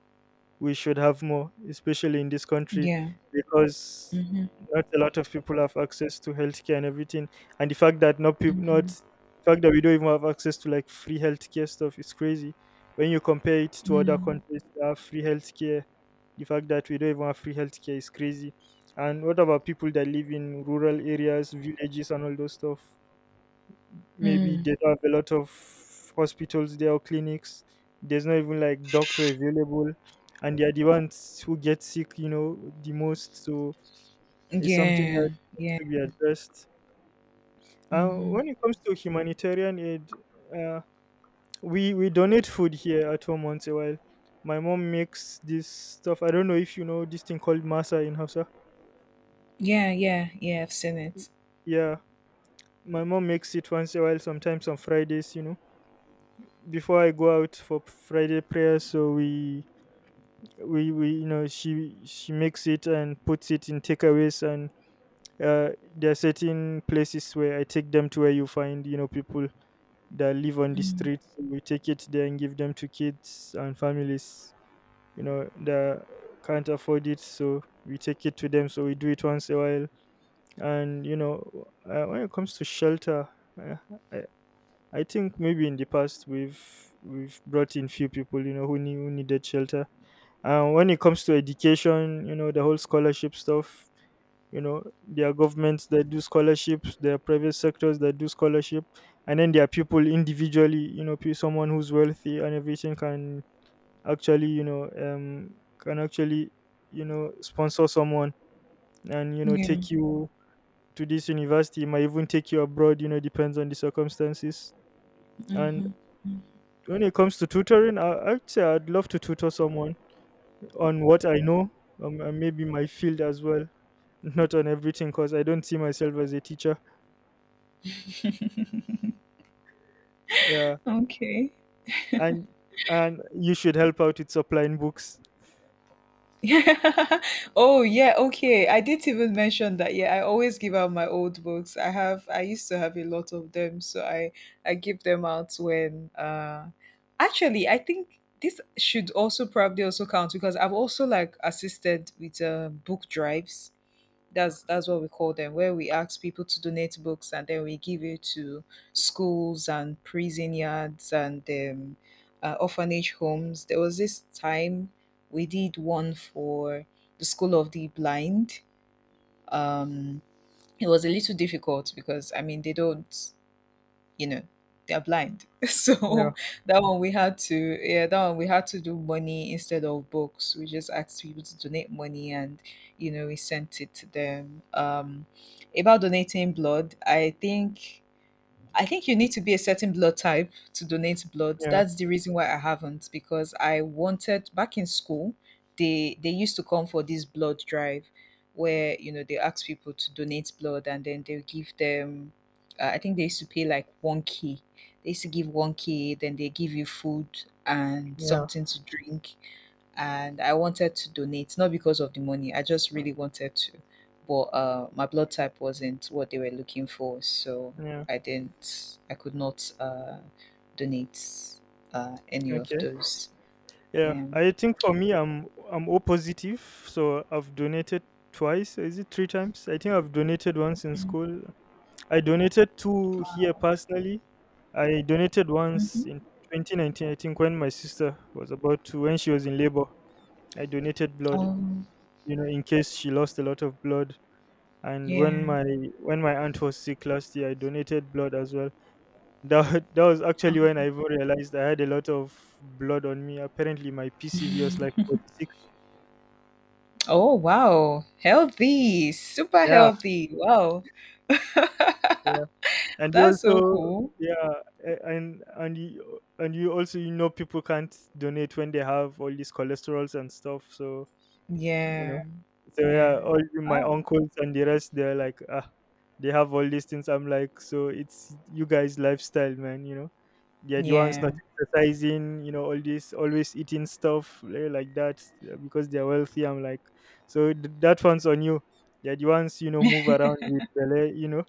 Speaker 2: we should have more, especially in this country,
Speaker 1: Yeah.
Speaker 2: because
Speaker 1: Mm-hmm.
Speaker 2: not a lot of people have access to healthcare and everything. And the fact that not people, not
Speaker 1: Mm-hmm.
Speaker 2: the fact that we don't even have access to like free healthcare stuff is crazy. When you compare it to other
Speaker 1: Mm.
Speaker 2: countries that have free healthcare, the fact that we don't even have free healthcare is crazy. And what about people that live in rural areas, villages, and all those stuff? Maybe
Speaker 1: Mm.
Speaker 2: they don't have a lot of hospitals there or clinics. There's not even like doctor available, and they are the ones who get sick, you know, the most. So it's something
Speaker 1: Yeah.
Speaker 2: that has
Speaker 1: Yeah.
Speaker 2: to be addressed.
Speaker 1: Mm-hmm.
Speaker 2: When it comes to humanitarian aid, uh, we donate food here at home once a while. My mom makes this stuff. I don't know if you know this thing called masa in Hausa.
Speaker 1: Yeah. Yeah. Yeah. I've seen it.
Speaker 2: Yeah, my mom makes it once a while, sometimes on Fridays. You know, before I go out for Friday prayers, so we she makes it and puts it in takeaways and uh there are certain places where I take them to where you find, you know, people that live on the
Speaker 1: Mm.
Speaker 2: streets. So we take it there and give them to kids and families, you know, that can't afford it. So we take it to them, so we do it once a while. And you know When it comes to shelter, uh, I, I think maybe in the past we've brought in few people, you know, who needed shelter. And when it comes to education, you know, the whole scholarship stuff, you know, there are governments that do scholarships, there are private sectors that do scholarship, and then there are people individually, you know, someone who's wealthy and everything can actually, you know, um, can actually, you know, sponsor someone. And you know,
Speaker 1: Yeah.
Speaker 2: take you to this university. Might even take you abroad. You know, depends on the circumstances. And
Speaker 1: Mm-hmm.
Speaker 2: when it comes to tutoring, I'd say I'd love to tutor someone on what I know, and maybe my field as well, not on everything, because I don't see myself as a teacher. Yeah,
Speaker 1: Okay.
Speaker 2: and and you should help out with supplying books.
Speaker 1: Yeah. Oh, yeah. Okay. I didn't even mention that. Yeah, I always give out my old books. I used to have a lot of them, so I give them out when actually, I think this should also probably also count because I've also like assisted with book drives. That's what we call them, where we ask people to donate books and then we give it to schools and prison yards and orphanage homes. There was this time we did one for the school of the blind. um it was a little difficult because, I mean, they don't, you know, they're blind,
Speaker 2: Yeah,
Speaker 1: so that one we had to, yeah, that one we had to do money instead of books. We just asked people to donate money and, you know, we sent it to them. About donating blood, I think I think you need to be a certain blood type to donate blood.
Speaker 2: yeah,
Speaker 1: That's the reason why I haven't, because I wanted back in school, they used to come for this blood drive where, you know, they ask people to donate blood and then they give them, I think they used to pay like 1K. They used to give 1K, then they give you food and
Speaker 2: yeah,
Speaker 1: something to drink. And I wanted to donate, not because of the money. I just really wanted to, but my blood type wasn't what they were looking for, so
Speaker 2: yeah.
Speaker 1: I didn't, I could not donate any of
Speaker 2: Okay.
Speaker 1: those.
Speaker 2: Yeah,
Speaker 1: Yeah.
Speaker 2: I think for me, I'm O positive, so I've donated twice. Is it three times? I think I've donated once in school, I donated two here personally. I donated once
Speaker 1: Mm-hmm.
Speaker 2: in 2019, I think, when my sister was about to, when she was in labor. I donated blood,
Speaker 1: Um,
Speaker 2: you know, in case she lost a lot of blood. And when
Speaker 1: yeah.
Speaker 2: my When my aunt was sick last year, I donated blood as well. That that was actually when I
Speaker 1: Um,
Speaker 2: even realized I had a lot of blood on me. Apparently, my PCV was like 46.
Speaker 1: oh, wow. Healthy. Super
Speaker 2: Yeah,
Speaker 1: healthy. Wow.
Speaker 2: yeah. And you
Speaker 1: That's so
Speaker 2: also,
Speaker 1: cool.
Speaker 2: yeah, and you also, you know, people can't donate when they have all these cholesterols and stuff. So, you know,
Speaker 1: Yeah.
Speaker 2: so yeah,
Speaker 1: Yeah.
Speaker 2: my
Speaker 1: Wow.
Speaker 2: uncles and the rest, they're like, ah, they have all these things. I'm like, so it's you guys' lifestyle, man. You know, yeah, the ones
Speaker 1: Yeah.
Speaker 2: not exercising, you know, all this, always eating stuff, eh, like that, because they're wealthy. I'm like, so that one's on you. Yeah, the ones, you know, move around with belly, you know.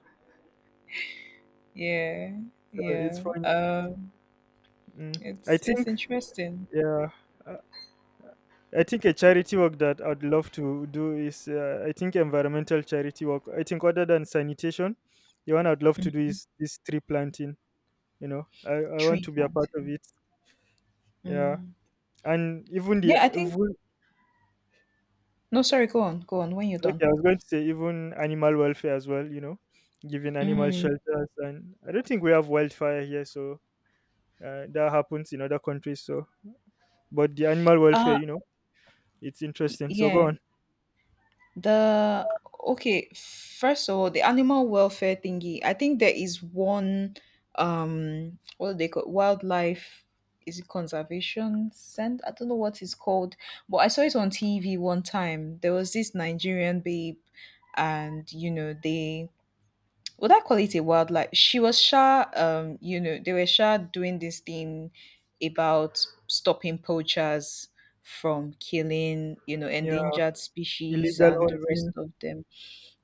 Speaker 1: Yeah.
Speaker 2: So it's
Speaker 1: Yeah.
Speaker 2: fun. Mm. I
Speaker 1: It's
Speaker 2: think,
Speaker 1: interesting.
Speaker 2: yeah, uh, I think a charity work that I'd love to do is, I think, environmental charity work. I think, other than sanitation, the one I'd love to do
Speaker 1: Mm.
Speaker 2: is this tree planting. You know, I want
Speaker 1: Tree
Speaker 2: to be a part of
Speaker 1: planting.
Speaker 2: it. Yeah,
Speaker 1: Mm.
Speaker 2: and even the
Speaker 1: Yeah, I think.
Speaker 2: even
Speaker 1: No, sorry. Go on. Go on. When you're
Speaker 2: okay,
Speaker 1: done.
Speaker 2: I was going to say, even animal welfare as well. You know, giving animal
Speaker 1: Mm.
Speaker 2: shelters. And I don't think we have wildfire here, so that happens in other countries. So, but the animal welfare,
Speaker 1: Uh,
Speaker 2: you know. It's interesting. So go
Speaker 1: yeah.
Speaker 2: on.
Speaker 1: The okay, first of all, the animal welfare thingy. I think there is one. What do they call wildlife, is it conservation center? I don't know what it's called, but I saw it on TV one time. There was this Nigerian babe, and you know they, would I call it a wildlife? She was sure, you know, they were sure doing this thing about stopping poachers from killing, you know,
Speaker 2: Yeah,
Speaker 1: endangered species
Speaker 2: illegal
Speaker 1: and the rest
Speaker 2: hunting.
Speaker 1: of them.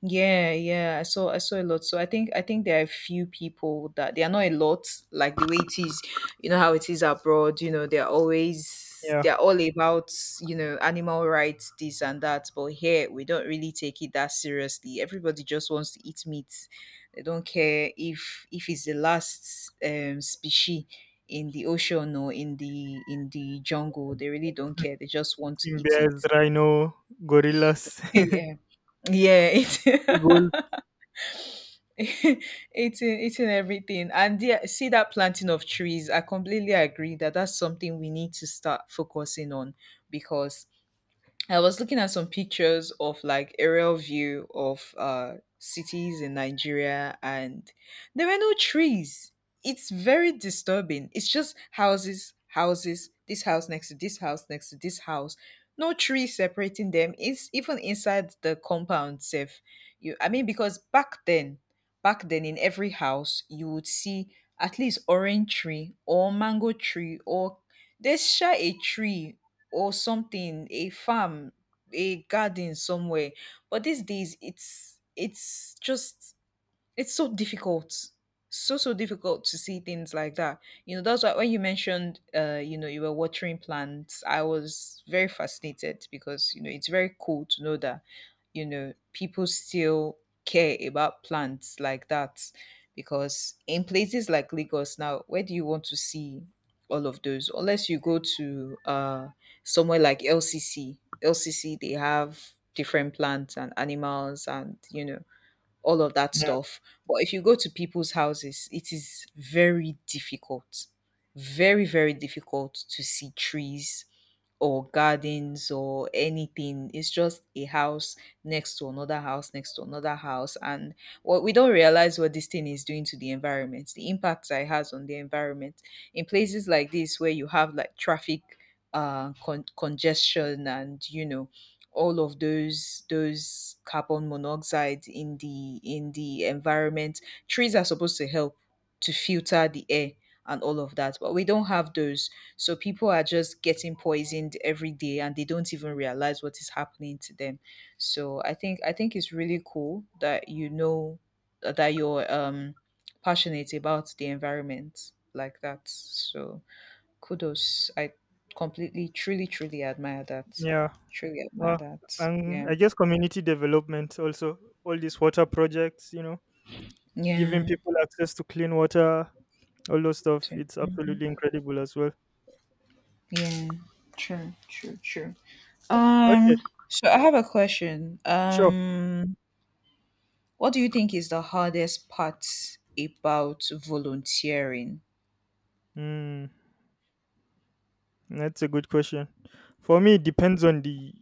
Speaker 1: Yeah, yeah. I saw a lot. So I think there are a few people, that they are not a lot, like the way it is, you know how it is abroad, you know,
Speaker 2: Yeah,
Speaker 1: they're all about, you know, animal rights, this and that. But here we don't really take it that seriously. Everybody just wants to eat meat. They don't care if it's the last species in the ocean or in the jungle. They really don't care. They just want to
Speaker 2: eating
Speaker 1: eat
Speaker 2: bears,
Speaker 1: it.
Speaker 2: rhino,
Speaker 1: So,
Speaker 2: gorillas,
Speaker 1: yeah. Yeah.
Speaker 2: eagles.
Speaker 1: It, it's in, it's in everything. And yeah, see, that planting of trees, I completely agree, that that's something we need to start focusing on, because I was looking at some pictures of like aerial view of cities in Nigeria, and there were no trees. It's very disturbing. It's just houses, houses, this house next to this house next to this house. No trees separating them. It's even inside the compound safe. You, I mean, because back then in every house you would see at least orange tree or mango tree, or there's sure a tree or something, a farm, a garden somewhere. But these days it's just, it's so difficult, so so difficult to see things like that. You know, that's why when you mentioned, you know, you were watering plants, I was very fascinated, because you know it's very cool to know that, you know, people still care about plants like that. Because in places like Lagos now, where do you want to see all of those? Unless you go to somewhere like LCC. LCC, they have different plants and animals and, you know, all of that
Speaker 2: Yeah,
Speaker 1: stuff. But if you go to people's houses, it is very difficult, very, very difficult to see trees or gardens or anything. It's just a house next to another house, next to another house. And what we don't realize, what this thing is doing to the environment, the impact that it has on the environment. In places like this where you have like traffic con- congestion, and you know all of those carbon monoxide in the environment, trees are supposed to help to filter the air and all of that, but we don't have those. So people are just getting poisoned every day and they don't even realize what is happening to them. So I think it's really cool that, you know, that you're, passionate about the environment like that. So kudos. I completely, truly, truly admire that.
Speaker 2: yeah.
Speaker 1: Truly admire
Speaker 2: Uh,
Speaker 1: that.
Speaker 2: and
Speaker 1: Yeah.
Speaker 2: I guess community development also. All these water projects, you know, giving
Speaker 1: Yeah.
Speaker 2: people access to clean water, all those stuff.
Speaker 1: True.
Speaker 2: It's absolutely incredible as well.
Speaker 1: Yeah. True. True. True.
Speaker 2: Okay,
Speaker 1: Um, so I have a question.
Speaker 2: sure.
Speaker 1: What do you think is the hardest part about volunteering?
Speaker 2: Mm. That's a good question. For me, it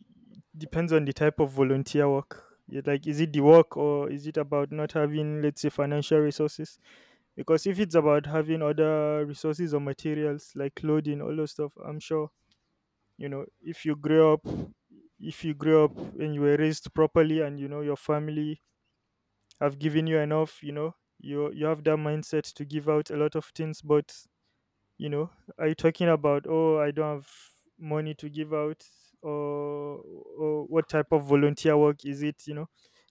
Speaker 2: depends on the type of volunteer work. Yeah. Like, is it the work, or is it about not having, let's say, financial resources? Because if it's about having other resources or materials like clothing, all those stuff, I'm sure, you know if you grew up, if you grew up and you were raised properly, and you know your family have given you enough, you know you have that mindset to give out a lot of things. But you know, are you talking about, oh, I don't have money to give out, or, or what type of volunteer work is it? You know,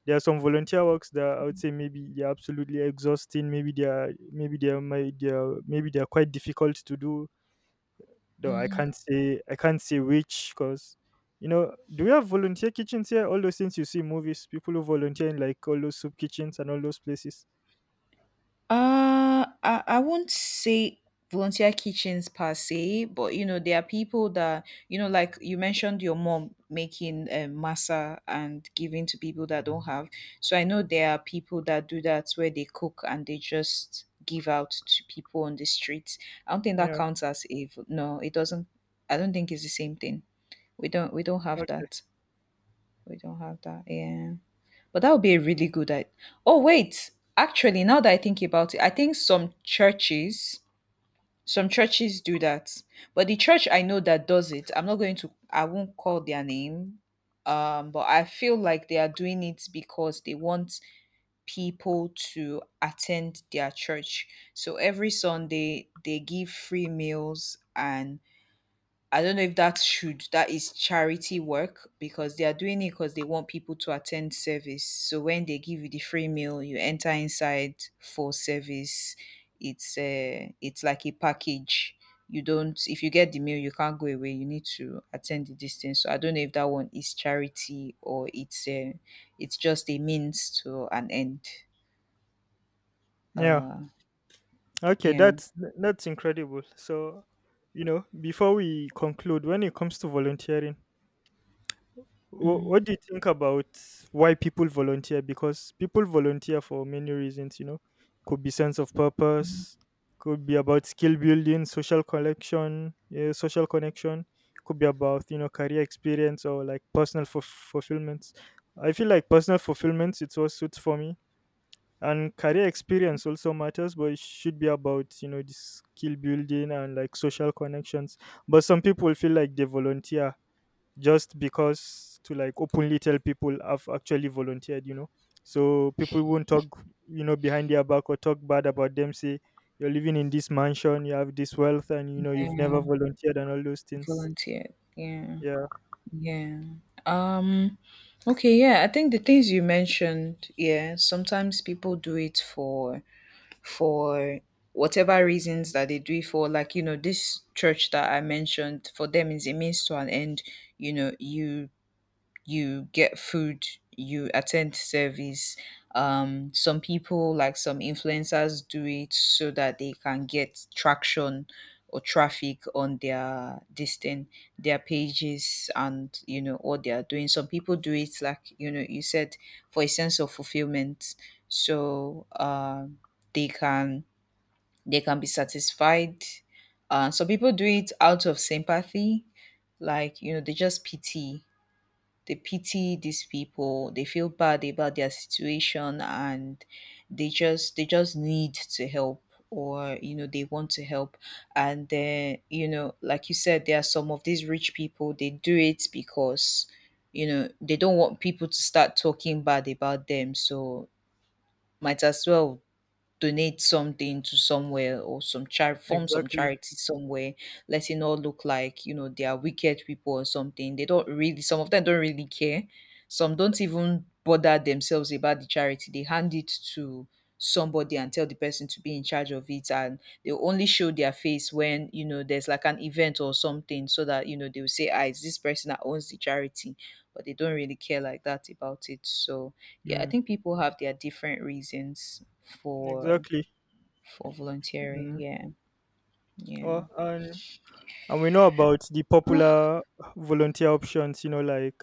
Speaker 2: there are some volunteer works that I would say maybe they're absolutely exhausting, maybe they are my they are maybe they are quite difficult to do, though I can't say which, because you know, do we have volunteer kitchens here, all those things you see in movies, people who volunteer in like all those soup kitchens and all those places?
Speaker 1: I won't say volunteer kitchens per se, but you know, there are people that, you know, like you mentioned your mom making, masa and giving to people that don't have. So I know there are people that do that, where they cook and they just give out to people on the streets. I don't think that
Speaker 2: Yeah.
Speaker 1: counts as a, vo- no, it doesn't. I don't think it's the same thing. We don't have
Speaker 2: Okay.
Speaker 1: that. We don't have that. Yeah. But that would be a really good idea. Oh, wait. Actually, now that I think about it, I think some churches, do that. But the church I know that does it, I'm not going to, I won't call their name. But I feel like they are doing it because they want people to attend their church. So every Sunday they give free meals, and I don't know if that's should that is charity work, because they are doing it because they want people to attend service. So when they give you the free meal, you enter inside for service. It's like a package. You don't, if you get the meal, you can't go away. You need to attend the distance. So I don't know if that one is charity or it's just a means to an end.
Speaker 2: Yeah.
Speaker 1: Uh
Speaker 2: Okay.
Speaker 1: yeah.
Speaker 2: That's incredible. So, you know, before we conclude, when it comes to volunteering,
Speaker 1: Mm.
Speaker 2: what do you think about why people volunteer? Because people volunteer for many reasons, you know, could be sense of purpose, could be about skill building, social connection, yeah, social connection, could be about, you know, career experience or like personal fulfillments. I feel like personal fulfillments, it's what suits for me, and career experience also matters, but it should be about, you know, this skill building and like social connections. But some people feel like they volunteer just because, to like openly tell people I've actually volunteered, you know. So people won't talk, you know, behind their back or talk bad about them, say you're living in this mansion, you have this wealth, and you know you've never volunteered and all those things.
Speaker 1: Volunteer. Yeah.
Speaker 2: Yeah,
Speaker 1: Yeah. Um okay, yeah. I think the things you mentioned, yeah, sometimes people do it for, for whatever reasons that they do it for. Like, you know, this church that I mentioned, for them is a means to an end. You know, you get food, you attend service. Some people, like some influencers, do it so that they can get traction or traffic on their distant, their pages and you know what they are doing. Some people do it like, you know, you said, for a sense of fulfillment, so they can, they can be satisfied. Some people do it out of sympathy, like you know they just pity, they pity these people, they feel bad about their situation, and they just, they just need to help, or you know they want to help. And then, you know, like you said, there are some of these rich people, they do it because, you know, they don't want people to start talking bad about them, so might as well donate something to somewhere, or some char- form some
Speaker 2: exactly.
Speaker 1: charity somewhere, let it not look like, you know, they are wicked people or something. They don't really, some of them don't really care. Some don't even bother themselves about the charity. They hand it to somebody and tell the person to be in charge of it, and they only show their face when, you know, there's like an event or something, so that, you know, they will say, ah, it's this person that owns the charity. But they don't really care like that about it. So yeah, I
Speaker 2: Mm,
Speaker 1: think people have their different reasons for
Speaker 2: exactly.
Speaker 1: for volunteering,
Speaker 2: Mm.
Speaker 1: yeah, yeah.
Speaker 2: Well, and we know about the
Speaker 1: Ah,
Speaker 2: popular volunteer options, you know, like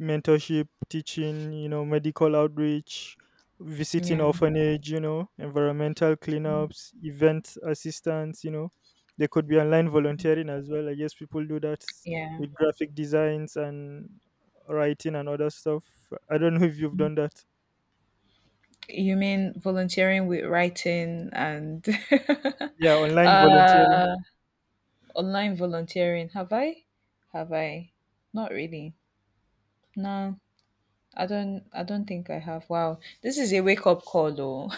Speaker 2: mentorship, teaching, you know, medical outreach, visiting
Speaker 1: yeah,
Speaker 2: orphanage, you know, environmental cleanups, event assistance, you know. There could be online volunteering as well. I guess people do that
Speaker 1: yeah.
Speaker 2: with graphic designs and writing and other stuff. I don't know if you've done that.
Speaker 1: You mean volunteering with writing and
Speaker 2: Yeah, online volunteering.
Speaker 1: uh online volunteering, have I not really, no. I don't think I have. Wow. This is a wake up call though.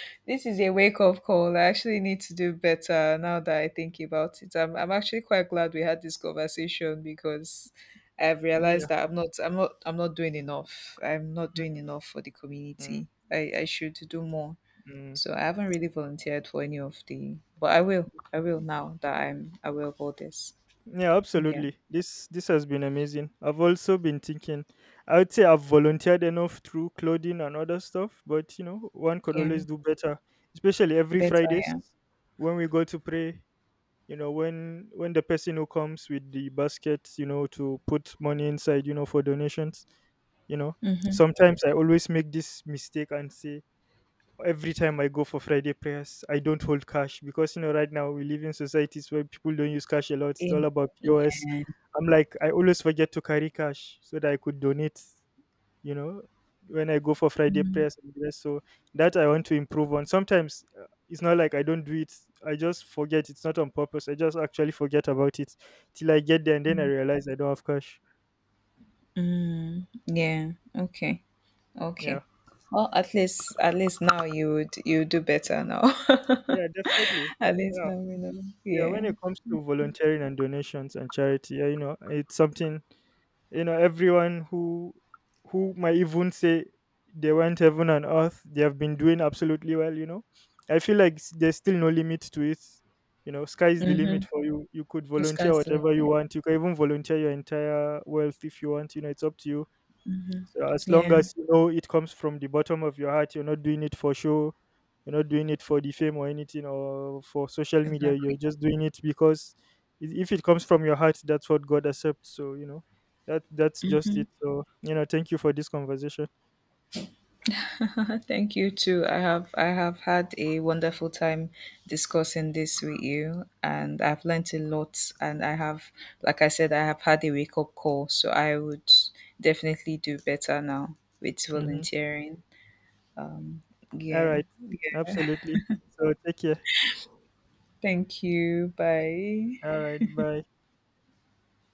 Speaker 1: This is a wake up call. I actually need to do better now that I think about it. I'm actually quite glad we had this conversation, because I've
Speaker 2: Yeah.
Speaker 1: realized that I'm not doing enough. I'm not
Speaker 2: Mm,
Speaker 1: doing enough for the
Speaker 2: mm,
Speaker 1: community. I should do more.
Speaker 2: mm.
Speaker 1: So I haven't really volunteered for any of the, but I will. I will, now that I'm aware of all this.
Speaker 2: Yeah,
Speaker 1: Yeah.
Speaker 2: absolutely. This has been amazing. I've also been thinking, I would say I've volunteered enough through clothing and other stuff, but you know, one could
Speaker 1: Yeah.
Speaker 2: always do better. Especially every
Speaker 1: Better,
Speaker 2: Fridays
Speaker 1: yeah.
Speaker 2: when we go to pray, you know, when the person who comes with the basket, you know, to put money inside, you know, for donations, you know,
Speaker 1: Mm-hmm.
Speaker 2: sometimes I always make this mistake and say, every time I go for Friday prayers, I don't hold cash, because you know, right now we live in societies where people don't use cash a lot, it's all
Speaker 1: In,
Speaker 2: about POS.
Speaker 1: yeah.
Speaker 2: I'm like, I always forget to carry cash so that I could donate, you know, when I go for Friday
Speaker 1: Mm-hmm.
Speaker 2: prayers and the rest. So that I want to improve on. Sometimes, it's not like I don't do it, I just forget. It's not on purpose, I just actually forget about it till I get there and then I realize I don't have cash.
Speaker 1: Mm, yeah. Okay.
Speaker 2: Yeah,
Speaker 1: Okay. Well, at least, at least now you would, you do better now.
Speaker 2: yeah, definitely.
Speaker 1: At least
Speaker 2: Yeah,
Speaker 1: now we know.
Speaker 2: yeah,
Speaker 1: Yeah.
Speaker 2: when it comes to volunteering and donations and charity, yeah, you know, it's something, you know, everyone who might even say they went heaven and earth, they have been doing absolutely well, you know, I feel like there's still no limit to it. You know, sky's the limit
Speaker 1: Mm-hmm.
Speaker 2: for you, you could
Speaker 1: The
Speaker 2: volunteer
Speaker 1: sky's the
Speaker 2: whatever you
Speaker 1: limit.
Speaker 2: want, you can even volunteer your entire wealth if you want, you know, it's up to you.
Speaker 1: Mm-hmm.
Speaker 2: So as long
Speaker 1: Yeah.
Speaker 2: as you know it comes from the bottom of your heart, you're not doing it for show, you're not doing it for the fame or anything or for social media. You're
Speaker 1: Exactly.
Speaker 2: just doing it because, if it comes from your heart, that's what God accepts. So you know, that's just it. So you know, thank you for this conversation.
Speaker 1: Thank you too. I have had a wonderful time discussing this with you, and I've learnt a lot. And I have, like I said, I have had a wake up call, so I would definitely do better now with
Speaker 2: Mhm.
Speaker 1: volunteering. Yeah.
Speaker 2: Alright. Absolutely. So take care.
Speaker 1: Thank you. Bye.
Speaker 2: Alright. Bye.